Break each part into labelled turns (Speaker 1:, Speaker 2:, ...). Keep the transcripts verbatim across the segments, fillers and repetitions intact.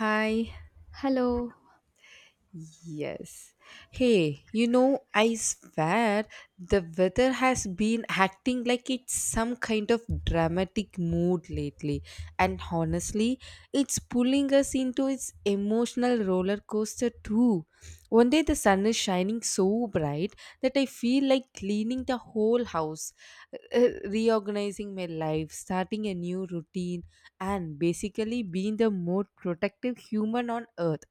Speaker 1: Hi.
Speaker 2: Hello.
Speaker 1: Yes. Hey, you know, I swear the weather has been acting like it's some kind of dramatic mood lately. And honestly, it's pulling us into its emotional roller coaster too. One day the sun is shining so bright that I feel like cleaning the whole house, uh, uh, reorganizing my life, starting a new routine, and basically being the most protective human on earth,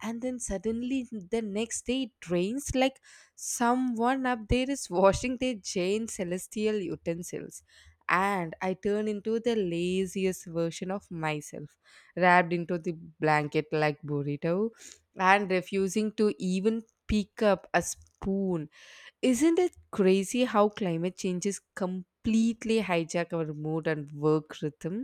Speaker 1: and then suddenly the next day it rains like someone up there is washing their giant celestial utensils, and I turn into the laziest version of myself, wrapped into the blanket like burrito, and refusing to even pick up a spoon. Isn't it crazy how climate changes completely hijack our mood and work rhythm?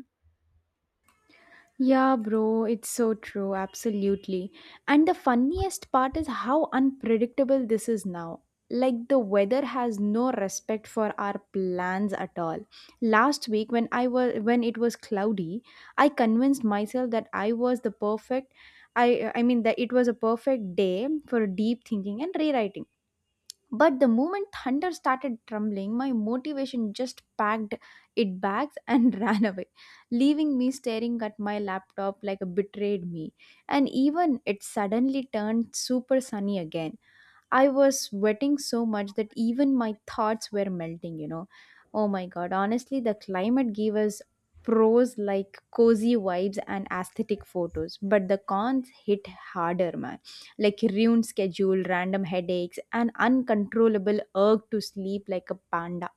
Speaker 2: Yeah, bro, it's so true, absolutely. And the funniest part is how unpredictable this is now. Like, the weather has no respect for our plans at all. Last week, when I was when it was cloudy, I convinced myself that I was the perfect I I mean that it was a perfect day for deep thinking and rewriting. But the moment thunder started trembling, my motivation just packed it bags and ran away, leaving me staring at my laptop like a betrayed me. And even it suddenly turned super sunny again, I was sweating so much that even my thoughts were melting, you know. Oh my god, honestly, the climate gave us pros like cozy vibes and aesthetic photos, but the cons hit harder, man. Like ruined schedule, random headaches, and uncontrollable urge to sleep like a panda.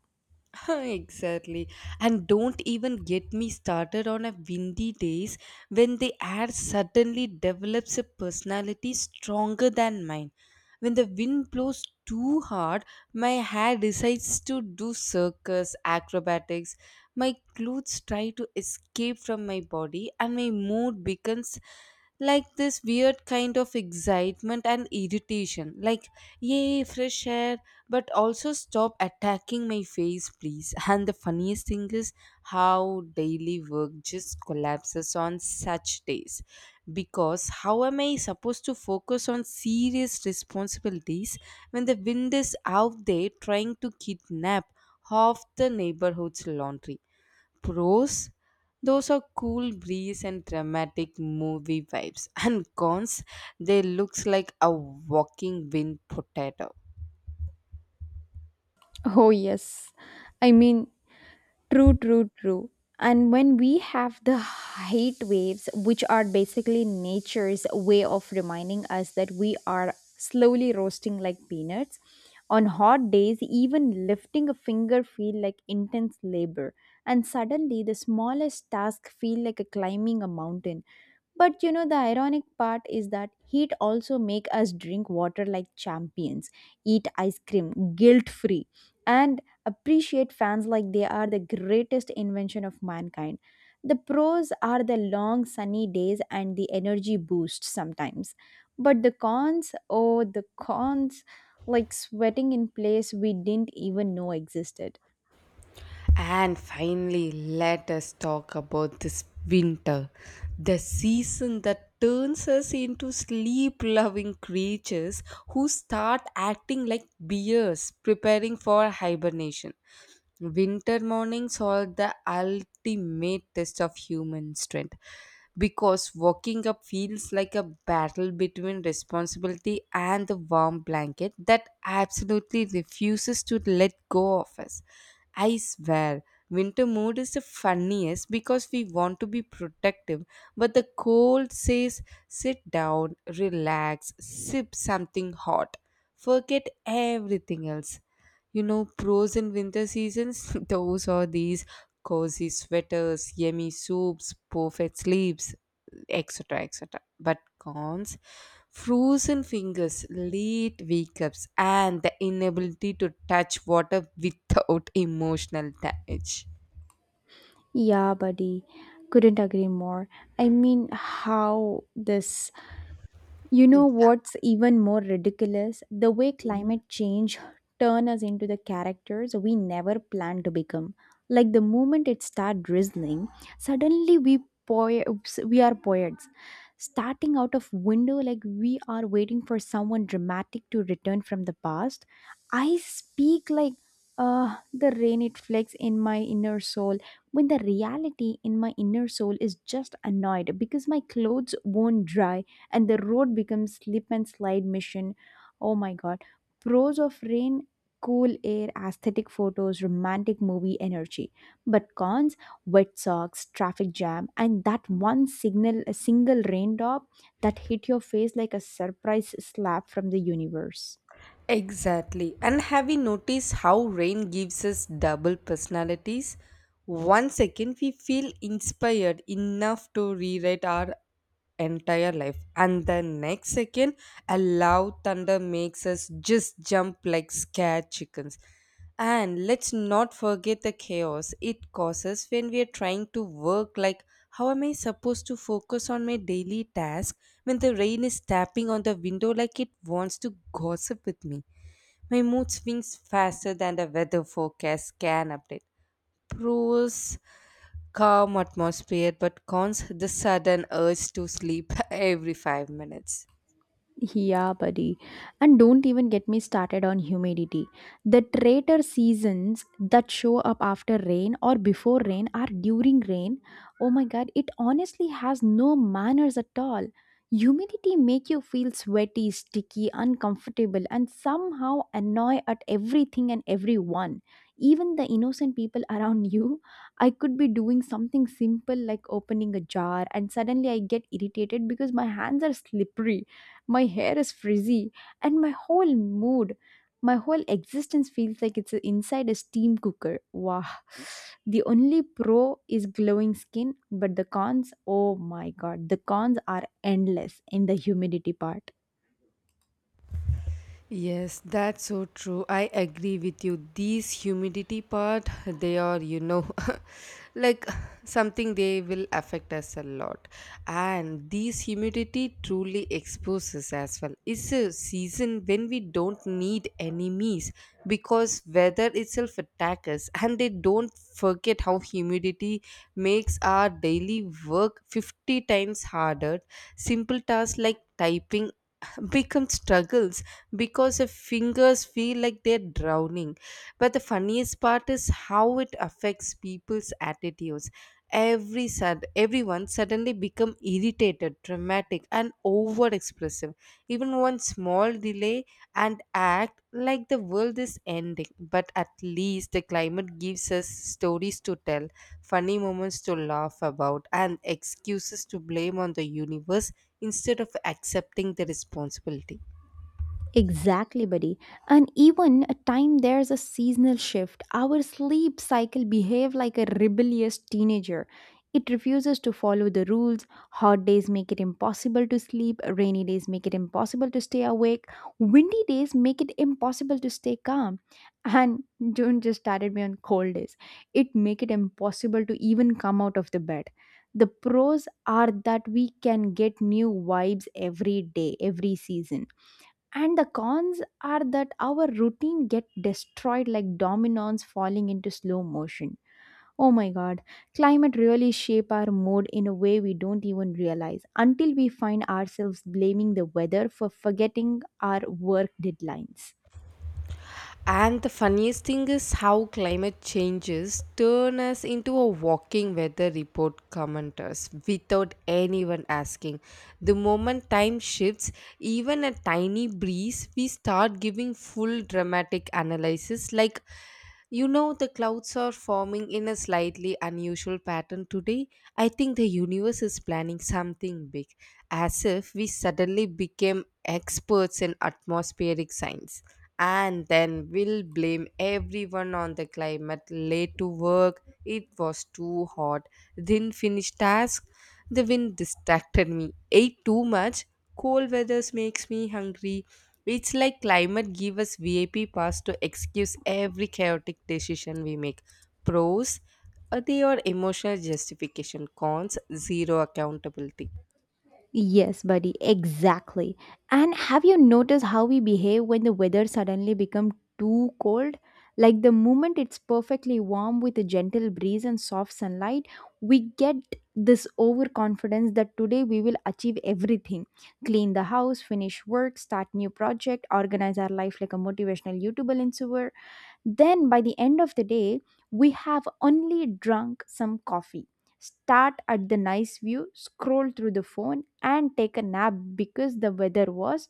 Speaker 1: Exactly. And don't even get me started on a windy days when the air suddenly develops a personality stronger than mine. When the wind blows too hard, my hair decides to do circus acrobatics. My clothes try to escape from my body, and my mood becomes like this weird kind of excitement and irritation like yay fresh air, but also stop attacking my face please. And the funniest thing is how daily work just collapses on such days, because how am I supposed to focus on serious responsibilities when the wind is out there trying to kidnap half the neighborhood's laundry. Pros, those are cool breeze and dramatic movie vibes, and cons, they looks like a walking wind potato.
Speaker 2: Oh, yes. I mean, True, true, true. And when we have the heat waves, which are basically nature's way of reminding us that we are slowly roasting like peanuts, on hot days, even lifting a finger feel like intense labor. And suddenly, the smallest task feel like a climbing a mountain. But you know, the ironic part is that heat also make us drink water like champions, eat ice cream guilt free, and appreciate fans like they are the greatest invention of mankind. The pros are the long sunny days and the energy boost sometimes. But the cons, oh, the cons, like sweating in place we didn't even know existed.
Speaker 1: And finally, let us talk about this winter, the season that turns us into sleep loving creatures who start acting like bears preparing for hibernation. Winter mornings are the ultimate test of human strength because walking up feels like a battle between responsibility and the warm blanket that absolutely refuses to let go of us. I swear, winter mood is the funniest because we want to be protective, but the cold says sit down, relax, sip something hot, forget everything else. You know, pros in winter seasons, those are these cozy sweaters, yummy soups, perfect sleeps, et cetera et cetera. But cons, frozen fingers, late wake ups, and the inability to touch water without emotional damage.
Speaker 2: Yeah, buddy, couldn't agree more. I mean, how this You know what's even more ridiculous? The way climate change turn us into the characters we never planned to become. Like the moment it start drizzling, suddenly we po— we are poets, starting out of window like we are waiting for someone dramatic to return from the past. I speak like uh, the rain it flecks in my inner soul when the reality in my inner soul is just annoyed because my clothes won't dry and the road becomes slip and slide mission. Oh my god. Pros of rain cool air, aesthetic photos, romantic movie energy. But cons wet socks, traffic jam, and that one signal, a single raindrop that hit your face like a surprise slap from the universe.
Speaker 1: Exactly. And have you noticed how rain gives us double personalities? One second we feel inspired enough to rewrite our entire life, and the next second, a loud thunder makes us just jump like scared chickens. And let's not forget the chaos it causes when we are trying to work. Like, how am I supposed to focus on my daily task when the rain is tapping on the window like it wants to gossip with me? My mood swings faster than the weather forecast can update. Pros, calm atmosphere, but cons, the sudden urge to sleep every five minutes.
Speaker 2: Yeah, buddy. And don't even get me started on humidity. The traitor seasons that show up after rain or before rain are during rain. Oh my god, it honestly has no manners at all. Humidity make you feel sweaty, sticky, uncomfortable and somehow annoy at everything and everyone. Even the innocent people around you. I could be doing something simple like opening a jar and suddenly I get irritated because my hands are slippery my hair is frizzy, and my whole mood, my whole existence feels like it's inside a steam cooker. Wow. The only pro is glowing skin, but the cons, oh my god, the cons are endless in the humidity part.
Speaker 1: Yes, that's so true. I agree with you. These humidity part, they are, you know, like something they will affect us a lot. And these humidity truly exposes as well. It's a season when we don't need enemies because weather itself attack us, and they don't forget how humidity makes our daily work fifty times harder. Simple tasks like typing become struggles because the fingers feel like they're drowning. But the funniest part is how it affects people's attitudes. every sud everyone suddenly become irritated, dramatic and over expressive even one small delay, and act like the world is ending. But at least the climate gives us stories to tell, funny moments to laugh about, and excuses to blame on the universe instead of accepting the responsibility.
Speaker 2: Exactly, buddy. And even a time there's a seasonal shift, our sleep cycle behave like a rebellious teenager. It refuses to follow the rules. Hot days make it impossible to sleep. Rainy days make it impossible to stay awake. Windy days make it impossible to stay calm. And don't just started me on cold days. It make it impossible to even come out of the bed. The pros are that we can get new vibes every day, every season and the cons are that our routine get destroyed like dominoes falling into slow motion. Oh my god, climate really shape our mood in a way we don't even realize until we find ourselves blaming the weather for forgetting our work deadlines.
Speaker 1: And the funniest thing is how climate changes turn us into a walking weather report commenters without anyone asking. The moment time shifts, even a tiny breeze, we start giving full dramatic analysis like, you know, the clouds are forming in a slightly unusual pattern today. I think the universe is planning something big, as if we suddenly became experts in atmospheric science. And then we'll blame everyone on the climate. Late to work, it was too hot, didn't finish task, the wind distracted me, ate too much. Cold weathers makes me hungry. It's like climate give us V I P pass to excuse every chaotic decision we make. Pros, uh, they are emotional justification. Cons, zero accountability.
Speaker 2: Yes, buddy, exactly. And have you noticed how we behave when the weather suddenly become too cold? Like the moment it's perfectly warm with a gentle breeze and soft sunlight, we get this overconfidence that today we will achieve everything. Clean the house, finish work, start new project, organize our life like a motivational YouTuber influencer then by the end of the day, we have only drunk some coffee, start at the nice view, scroll through the phone, and take a nap because the weather was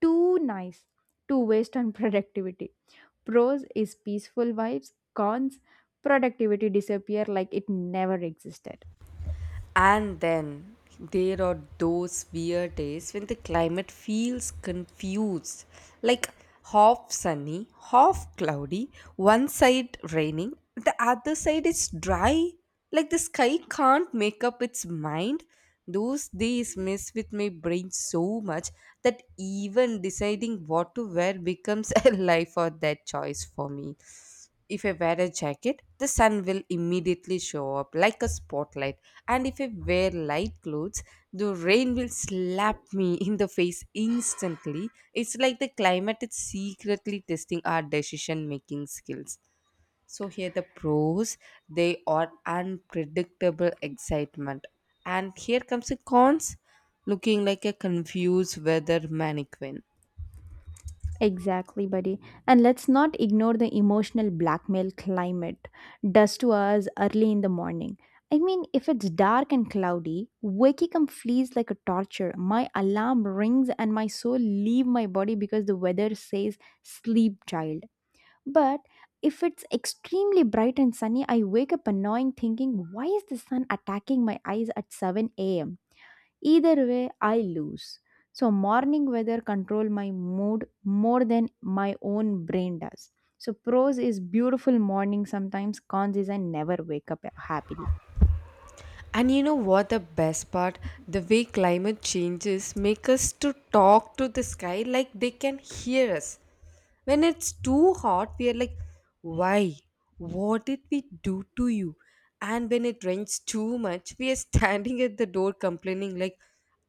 Speaker 2: too nice to waste on productivity. Pros is peaceful vibes, cons, productivity disappear like it never existed.
Speaker 1: And then there are those weird days when the climate feels confused, like half sunny, half cloudy, one side raining, the other side is dry. Like the sky can't make up its mind. Those days mess with my brain so much that even deciding what to wear becomes a life or death choice for me. If I wear a jacket, the sun will immediately show up like a spotlight. And if I wear light clothes, the rain will slap me in the face instantly. It's like the climate is secretly testing our decision making skills. So, here the pros, they are unpredictable excitement. And here comes the cons, looking like a confused weather mannequin.
Speaker 2: Exactly, buddy. And let's not ignore the emotional blackmail climate does to us early in the morning. I mean, if it's dark and cloudy, waking up feels like a torture. My alarm rings and my soul leave my body because the weather says sleep, child. But if it's extremely bright and sunny, I wake up annoying thinking, why is the sun attacking my eyes at seven a m? Either way, I lose. So, morning weather control my mood more than my own brain does. So, pros is beautiful morning sometimes, cons is I never wake up happily.
Speaker 1: And you know what the best part? The way climate changes make us to talk to the sky like they can hear us. When it's too hot, we are like, why? What did we do to you? And when it rains too much, we are standing at the door complaining like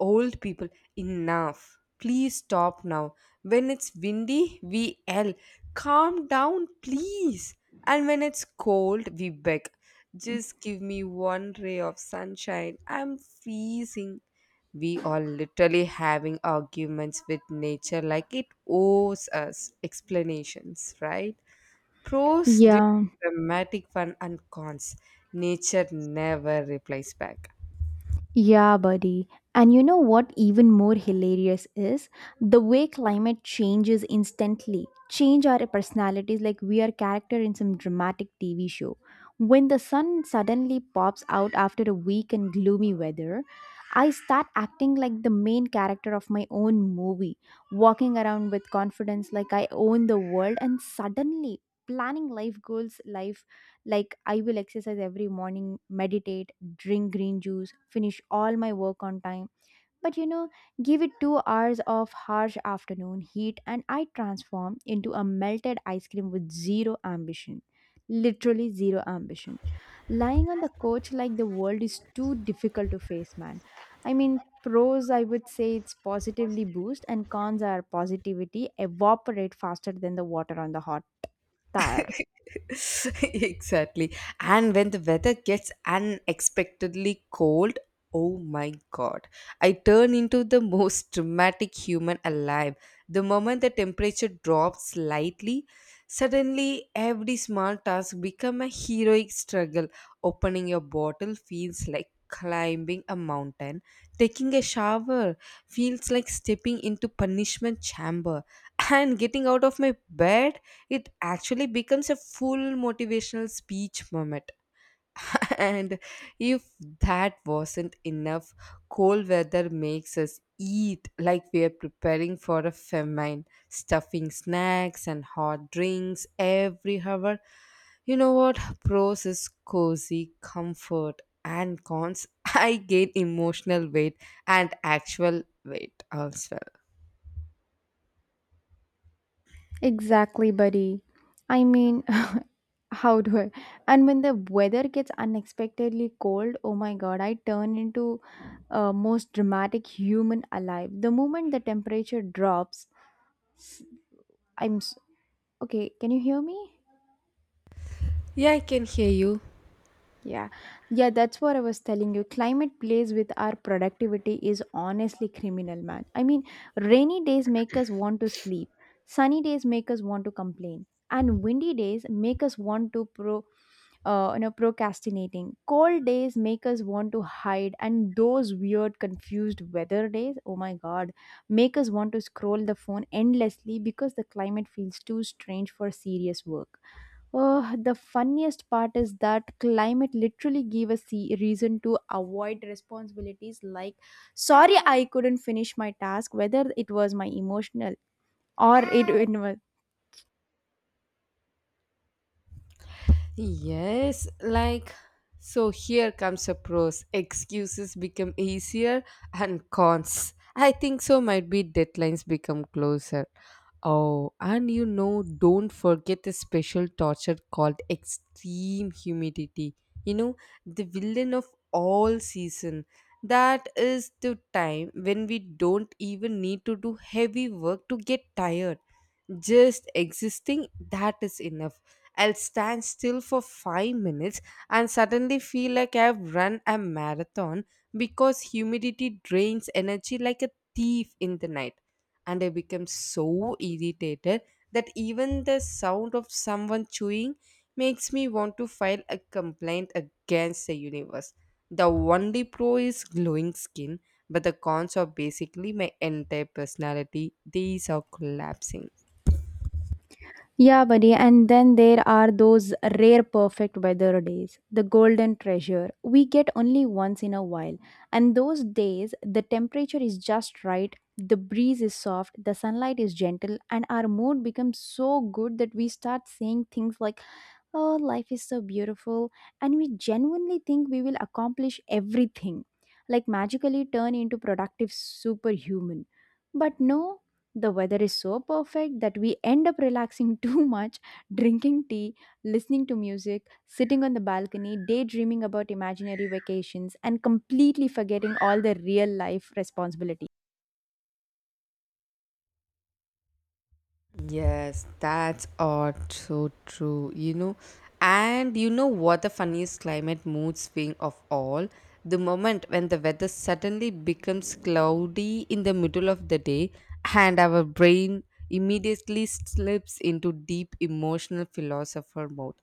Speaker 1: old people, enough. Please stop now. When it's windy, we yell, calm down, please. And when it's cold, we beg, just give me one ray of sunshine. I'm freezing. We are literally having arguments with nature like it owes us explanations, right? Pros, the
Speaker 2: Yeah.
Speaker 1: dramatic fun, and cons. Nature never replies back.
Speaker 2: Yeah, buddy. And you know what even more hilarious is? The way climate changes instantly. Change our personalities like we are character in some dramatic T V show. When the sun suddenly pops out after a week and gloomy weather, I start acting like the main character of my own movie, walking around with confidence like I own the world and suddenly planning life goals, life like, I will exercise every morning, meditate, drink green juice, finish all my work on time. But you know, give it two hours of harsh afternoon heat, and I transform into a melted ice cream with zero ambition. Literally zero ambition. Lying on the couch like the world is too difficult to face, man. I mean, pros, I would say it's positively boost, and cons are positivity evaporate faster than the water on the hot tyre.
Speaker 1: Exactly. And when the weather gets unexpectedly cold, oh my god, I turn into the most dramatic human alive. The moment the temperature drops slightly, suddenly every small task become a heroic struggle. Opening your bottle feels like climbing a mountain. Taking a shower feels like stepping into punishment chamber. And getting out of my bed, it actually becomes a full motivational speech moment. And if that wasn't enough, cold weather makes us eat like we are preparing for a famine, stuffing snacks and hot drinks every hour. You know what? Pros is cozy, comfort, and cons. I gain emotional weight and actual weight as well.
Speaker 2: Exactly, buddy. I mean, how do I? And when the weather gets unexpectedly cold, oh my god, I turn into uh, most dramatic human alive. The moment the temperature drops, s- I'm s- okay. Can you hear me?
Speaker 1: Yeah, I can hear you.
Speaker 2: Yeah, yeah, that's what I was telling you. Climate plays with our productivity is honestly criminal, man. I mean, rainy days make us want to sleep, sunny days make us want to complain, and windy days make us want to pro, uh, you know, procrastinating. Cold days make us want to hide, and those weird, confused weather days, oh my god, make us want to scroll the phone endlessly because the climate feels too strange for serious work. Oh, the funniest part is that climate literally gave a se- reason to avoid responsibilities like, sorry, I couldn't finish my task, whether it was my emotional or it, it was.
Speaker 1: Yes, like so here comes a pros. Excuses become easier and cons. I think so might be deadlines become closer. Oh, and you know, don't forget the special torture called extreme humidity. You know, the villain of all season. That is the time when we don't even need to do heavy work to get tired. Just existing, that is enough. I'll stand still for five minutes and suddenly feel like I've run a marathon because humidity drains energy like a thief in the night. And I become so irritated that even the sound of someone chewing makes me want to file a complaint against the universe. The only pro is glowing skin, but the cons are basically my entire personality. These are collapsing.
Speaker 2: Yeah, buddy. And then there are those rare perfect weather days, the golden treasure we get only once in a while. And those days, the temperature is just right, the breeze is soft, the sunlight is gentle, and our mood becomes so good that we start saying things like, oh, life is so beautiful, and we genuinely think we will accomplish everything, like magically turn into productive superhuman. But no, the weather is so perfect that we end up relaxing too much, drinking tea, listening to music, sitting on the balcony, daydreaming about imaginary vacations, and completely forgetting all the real life responsibilities.
Speaker 1: Yes, that's all so true. You know, and you know what the funniest climate mood swing of all? The moment when the weather suddenly becomes cloudy in the middle of the day, and our brain immediately slips into deep emotional philosopher mode.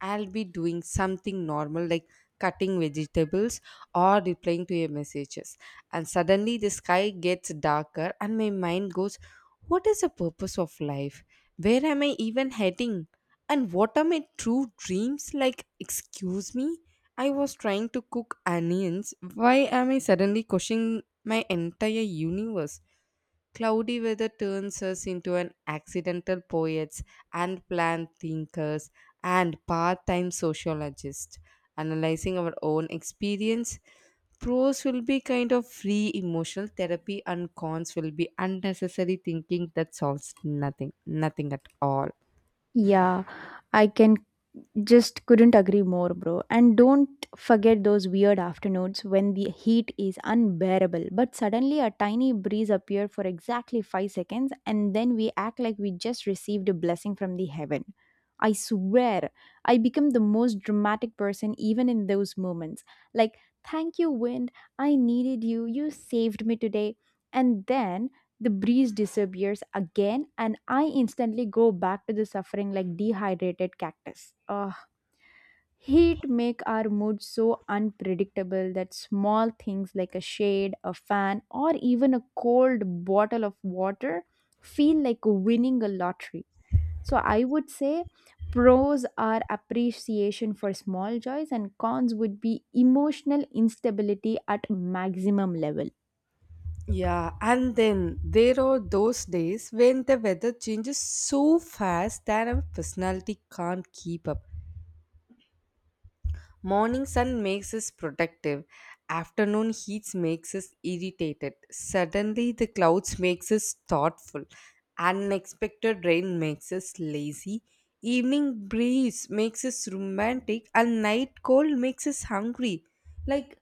Speaker 1: I'll be doing something normal like cutting vegetables or replying to your messages, and suddenly the sky gets darker, and my mind goes, what is the purpose of life? Where am I even heading? And what are my true dreams? Like, excuse me? I was trying to cook onions. Why am I suddenly questioning my entire universe? Cloudy weather turns us into an accidental poets and planned thinkers and part-time sociologists, analyzing our own experience. Pros will be kind of free emotional therapy, and cons will be unnecessary thinking that solves nothing, nothing at all.
Speaker 2: Yeah, I can just couldn't agree more, bro. And don't forget those weird afternoons when the heat is unbearable, but suddenly a tiny breeze appeared for exactly five seconds and then we act like we just received a blessing from the heaven. I swear, I become the most dramatic person even in those moments. Like, thank you, wind. I needed you. You saved me today. And then the breeze disappears again, and I instantly go back to the suffering like dehydrated cactus. Ugh. Heat make our mood so unpredictable that small things like a shade, a fan, or even a cold bottle of water feel like winning a lottery. So I would say pros are appreciation for small joys and cons would be emotional instability at maximum level.
Speaker 1: Yeah, and then there are those days when the weather changes so fast that our personality can't keep up. Morning sun makes us protective. Afternoon heats makes us irritated. Suddenly the clouds makes us thoughtful. Unexpected rain makes us lazy. Evening breeze makes us romantic and night cold makes us hungry. Like,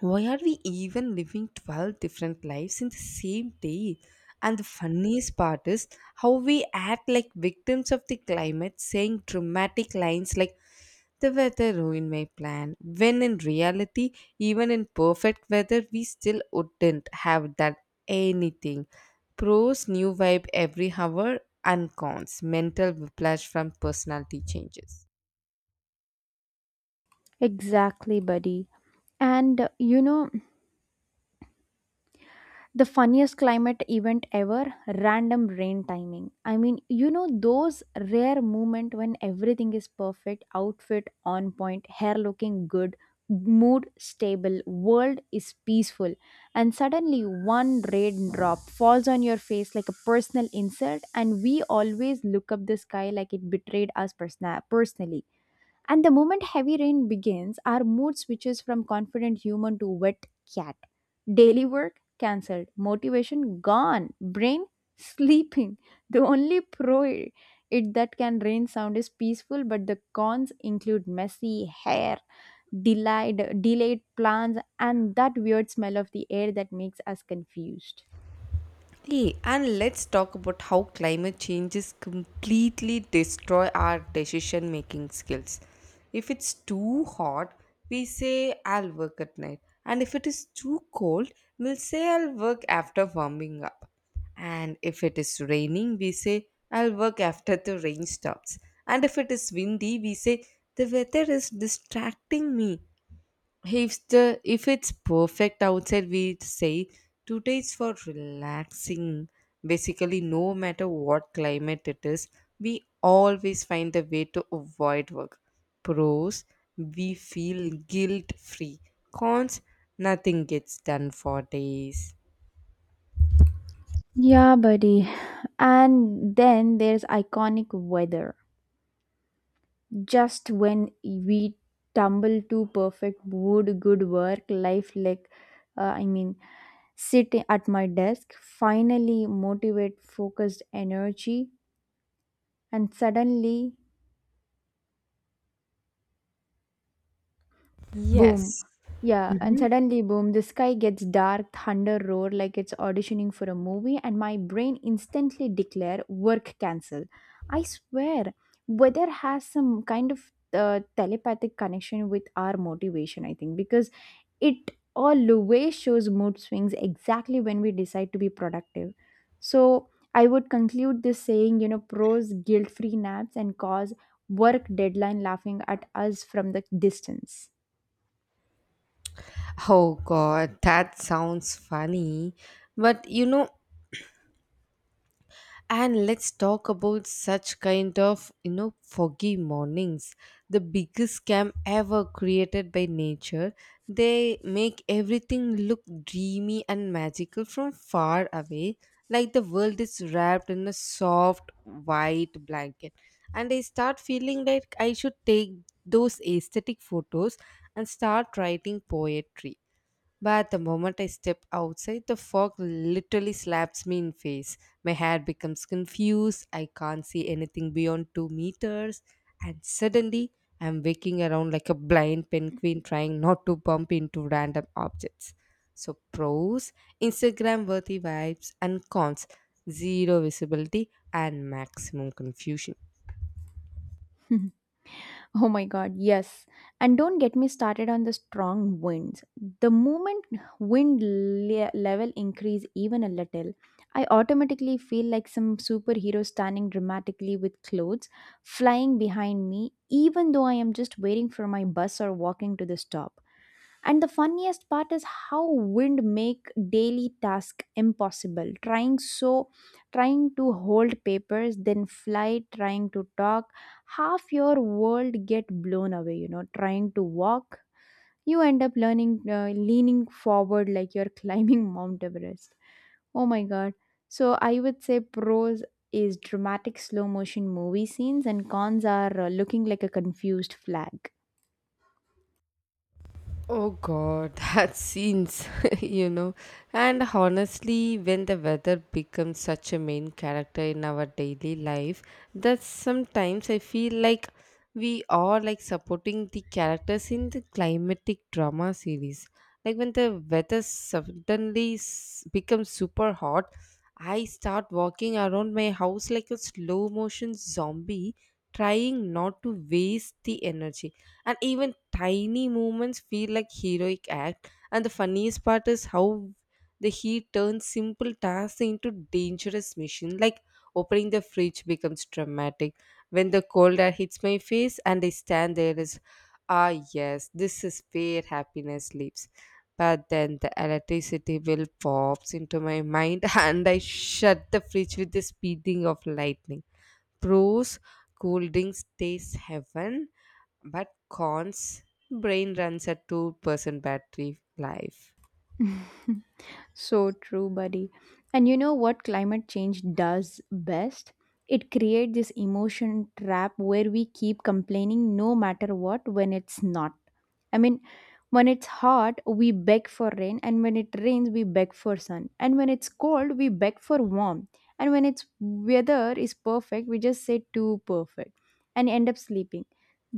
Speaker 1: why are we even living twelve different lives in the same day? And the funniest part is how we act like victims of the climate, saying dramatic lines like the weather ruined my plan. When in reality, even in perfect weather, we still wouldn't have done anything. Pros, new vibe every hour, and cons, mental whiplash from personality changes.
Speaker 2: Exactly, buddy. And uh, you know, the funniest climate event ever, random rain timing. I mean, you know those rare moment when everything is perfect, outfit on point, hair looking good, mood stable, world is peaceful, and suddenly one raindrop falls on your face like a personal insult and we always look up the sky like it betrayed us persna- personally and the moment heavy rain begins, our mood switches from confident human to wet cat. Daily work cancelled, motivation gone, brain sleeping. The only pro it that can rain sound is peaceful, but the cons include messy hair, delayed delayed plans, and that weird smell of the air that makes us confused.
Speaker 1: Hey, and let's talk about how climate changes completely destroy our decision making skills. If it's too hot, we say I'll work at night. And if it is too cold, we'll say I'll work after warming up. And if it is raining, we say I'll work after the rain stops. And if it is windy, we say the weather is distracting me. If the if it's perfect outside, we say today's for relaxing. Basically, no matter what climate it is, we always find a way to avoid work. Pros, we feel guilt free. Cons, nothing gets done for days.
Speaker 2: Yeah, buddy. And then there's iconic weather. Just when we tumble to perfect mood good work life like uh, i mean sit at my desk finally motivate focused energy and suddenly boom
Speaker 1: Yes.
Speaker 2: yeah and suddenly boom the sky gets dark, thunder roar like it's auditioning for a movie and my brain instantly declare work cancel. I swear weather has some kind of uh, telepathic connection with our motivation I think, because it always shows mood swings exactly when we decide to be productive. So I would conclude this saying, you know, pros guilt free naps and cause work deadline laughing at us from the distance.
Speaker 1: Oh god, that sounds funny. But you know, And let's talk about such kind of, you know, foggy mornings. The biggest scam ever created by nature. They make everything look dreamy and magical from far away, like the world is wrapped in a soft white blanket. And I start feeling like I should take those aesthetic photos and start writing poetry, but the moment I step outside, the fog literally slaps me in face. My hair becomes confused. I can't see anything beyond two meters, and suddenly I'm waking around like a blind penguin trying not to bump into random objects. So pros, Instagram worthy vibes, and cons, zero visibility and maximum confusion.
Speaker 2: Oh my god, yes. And don't get me started on the strong winds. The moment wind le- level increase even a little, I automatically feel like some superhero standing dramatically with clothes flying behind me even though I am just waiting for my bus or walking to the stop. And the funniest part is how wind make daily task impossible. Trying so trying to hold papers, then fly, trying to talk, half your world get blown away, you know, trying to walk, you end up learning uh, leaning forward like you're climbing Mount Everest. Oh my god. So I would say pros is dramatic slow motion movie scenes and cons are uh, looking like a confused flag.
Speaker 1: Oh god, that scenes, you know. And honestly, when the weather becomes such a main character in our daily life, that sometimes I feel like we are like supporting the characters in the climatic drama series. Like when the weather suddenly s- becomes super hot, I start walking around my house like a slow motion zombie, trying not to waste the energy, and even tiny moments feel like heroic act. And the funniest part is how the heat turns simple tasks into dangerous mission, like opening the fridge becomes dramatic when the cold air hits my face and I stand there as, ah yes, this is where happiness lives. But then the electricity bill pops into my mind and I shut the fridge with the speeding of lightning. Pros, cool drinks taste heaven, but cons, brain runs at two percent battery life.
Speaker 2: So true, buddy. And you know what climate change does best? It creates this emotion trap where we keep complaining no matter what when it's not. I mean, when it's hot, we beg for rain, and when it rains, we beg for sun. And when it's cold, we beg for warmth. And when it's weather is perfect, we just say too perfect and end up sleeping.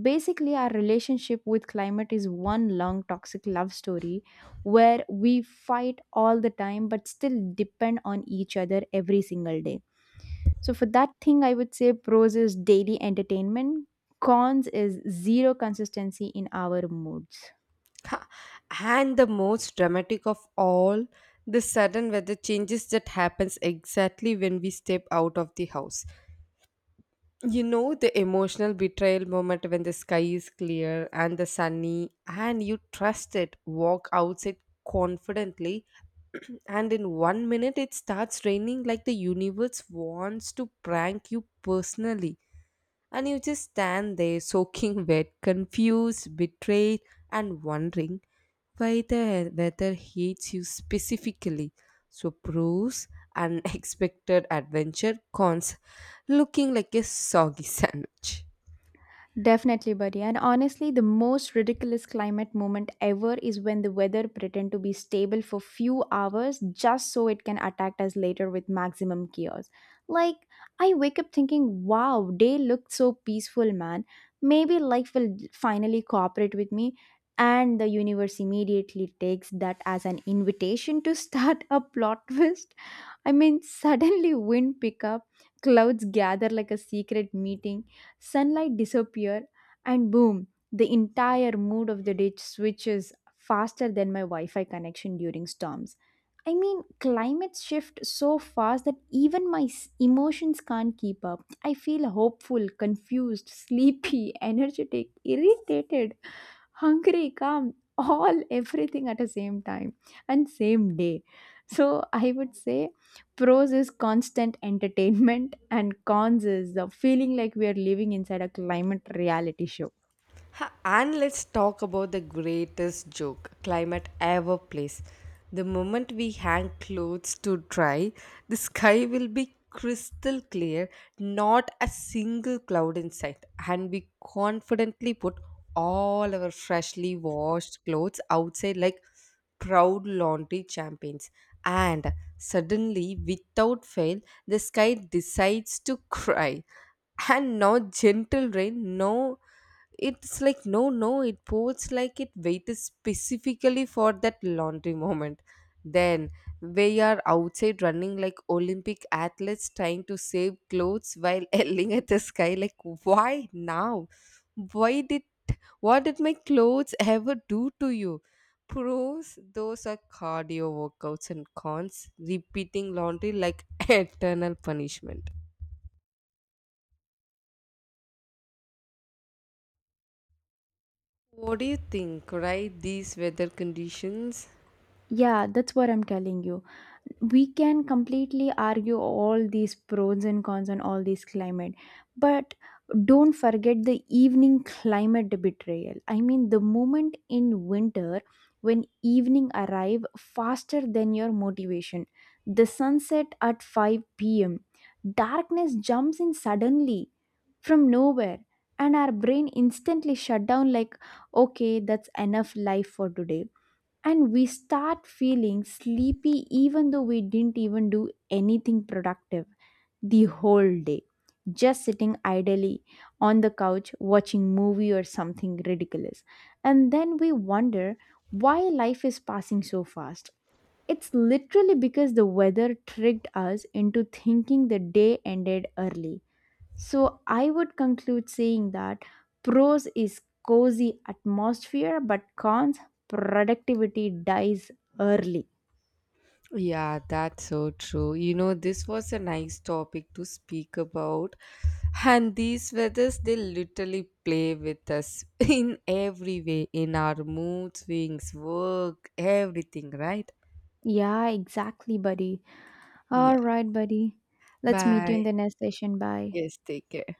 Speaker 2: Basically, our relationship with climate is one long toxic love story where we fight all the time but still depend on each other every single day. So, for that thing, I would say pros is daily entertainment, cons is zero consistency in our moods.
Speaker 1: Ha, and the most dramatic of all, the sudden weather changes that happens exactly when we step out of the house. You know the emotional betrayal moment when the sky is clear and the sunny and you trust it, walk outside confidently and in one minute it starts raining like the universe wants to prank you personally. And you just stand there soaking wet, confused, betrayed, and wondering why the weather hates you specifically. So proves unexpected adventure, cons looking like a soggy sandwich.
Speaker 2: Definitely, buddy. And honestly, the most ridiculous climate moment ever is when the weather pretend to be stable for few hours just so it can attack us later with maximum chaos. Like, I wake up thinking, wow, day looked so peaceful, man. Maybe life will finally cooperate with me. And the universe immediately takes that as an invitation to start a plot twist. I mean, suddenly wind pick up, clouds gather like a secret meeting, sunlight disappear, and boom, the entire mood of the ditch switches faster than my Wi-Fi connection during storms. I mean, climates shift so fast that even my s- emotions can't keep up. I feel hopeful, confused, sleepy, energetic, irritated, hungry, calm, all everything at the same time and same day. So I would say pros is constant entertainment and cons is the feeling like we are living inside a climate reality show.
Speaker 1: Ha, and let's talk about the greatest joke climate ever plays. The moment we hang clothes to dry, the sky will be crystal clear, not a single cloud in sight, and we confidently put all our freshly washed clothes outside like proud laundry champions. And suddenly, without fail, the sky decides to cry, and no gentle rain, no, it's like no, no, it pours like it waited specifically for that laundry moment. Then we are outside running like Olympic athletes trying to save clothes while yelling at the sky like why now? Why did, what did my clothes ever do to you? Pros, those are cardio workouts, and cons, repeating laundry like eternal punishment. What do you think, right? These weather conditions?
Speaker 2: Yeah, that's what I'm telling you, we can completely argue all these pros and cons on all these climate, but don't forget the evening climate betrayal. I mean the moment in winter when evening arrive faster than your motivation, the sunset at five p m p.m, darkness jumps in suddenly from nowhere, and our brain instantly shut down like, okay, that's enough life for today. And we start feeling sleepy even though we didn't even do anything productive the whole day, just sitting idly on the couch watching movie or something ridiculous. And then we wonder why life is passing so fast. It's literally because the weather tricked us into thinking the day ended early. So I would conclude saying that pros is cozy atmosphere, but cons productivity dies early.
Speaker 1: Yeah, that's so true. You know, this was a nice topic to speak about. And these weathers, they literally play with us in every way, in our mood swings, work, everything, right?
Speaker 2: Yeah, exactly, buddy.
Speaker 1: Yeah.
Speaker 2: All right, buddy. Let's meet you in
Speaker 1: Bye.
Speaker 2: the next session. Bye.
Speaker 1: Yes, take care.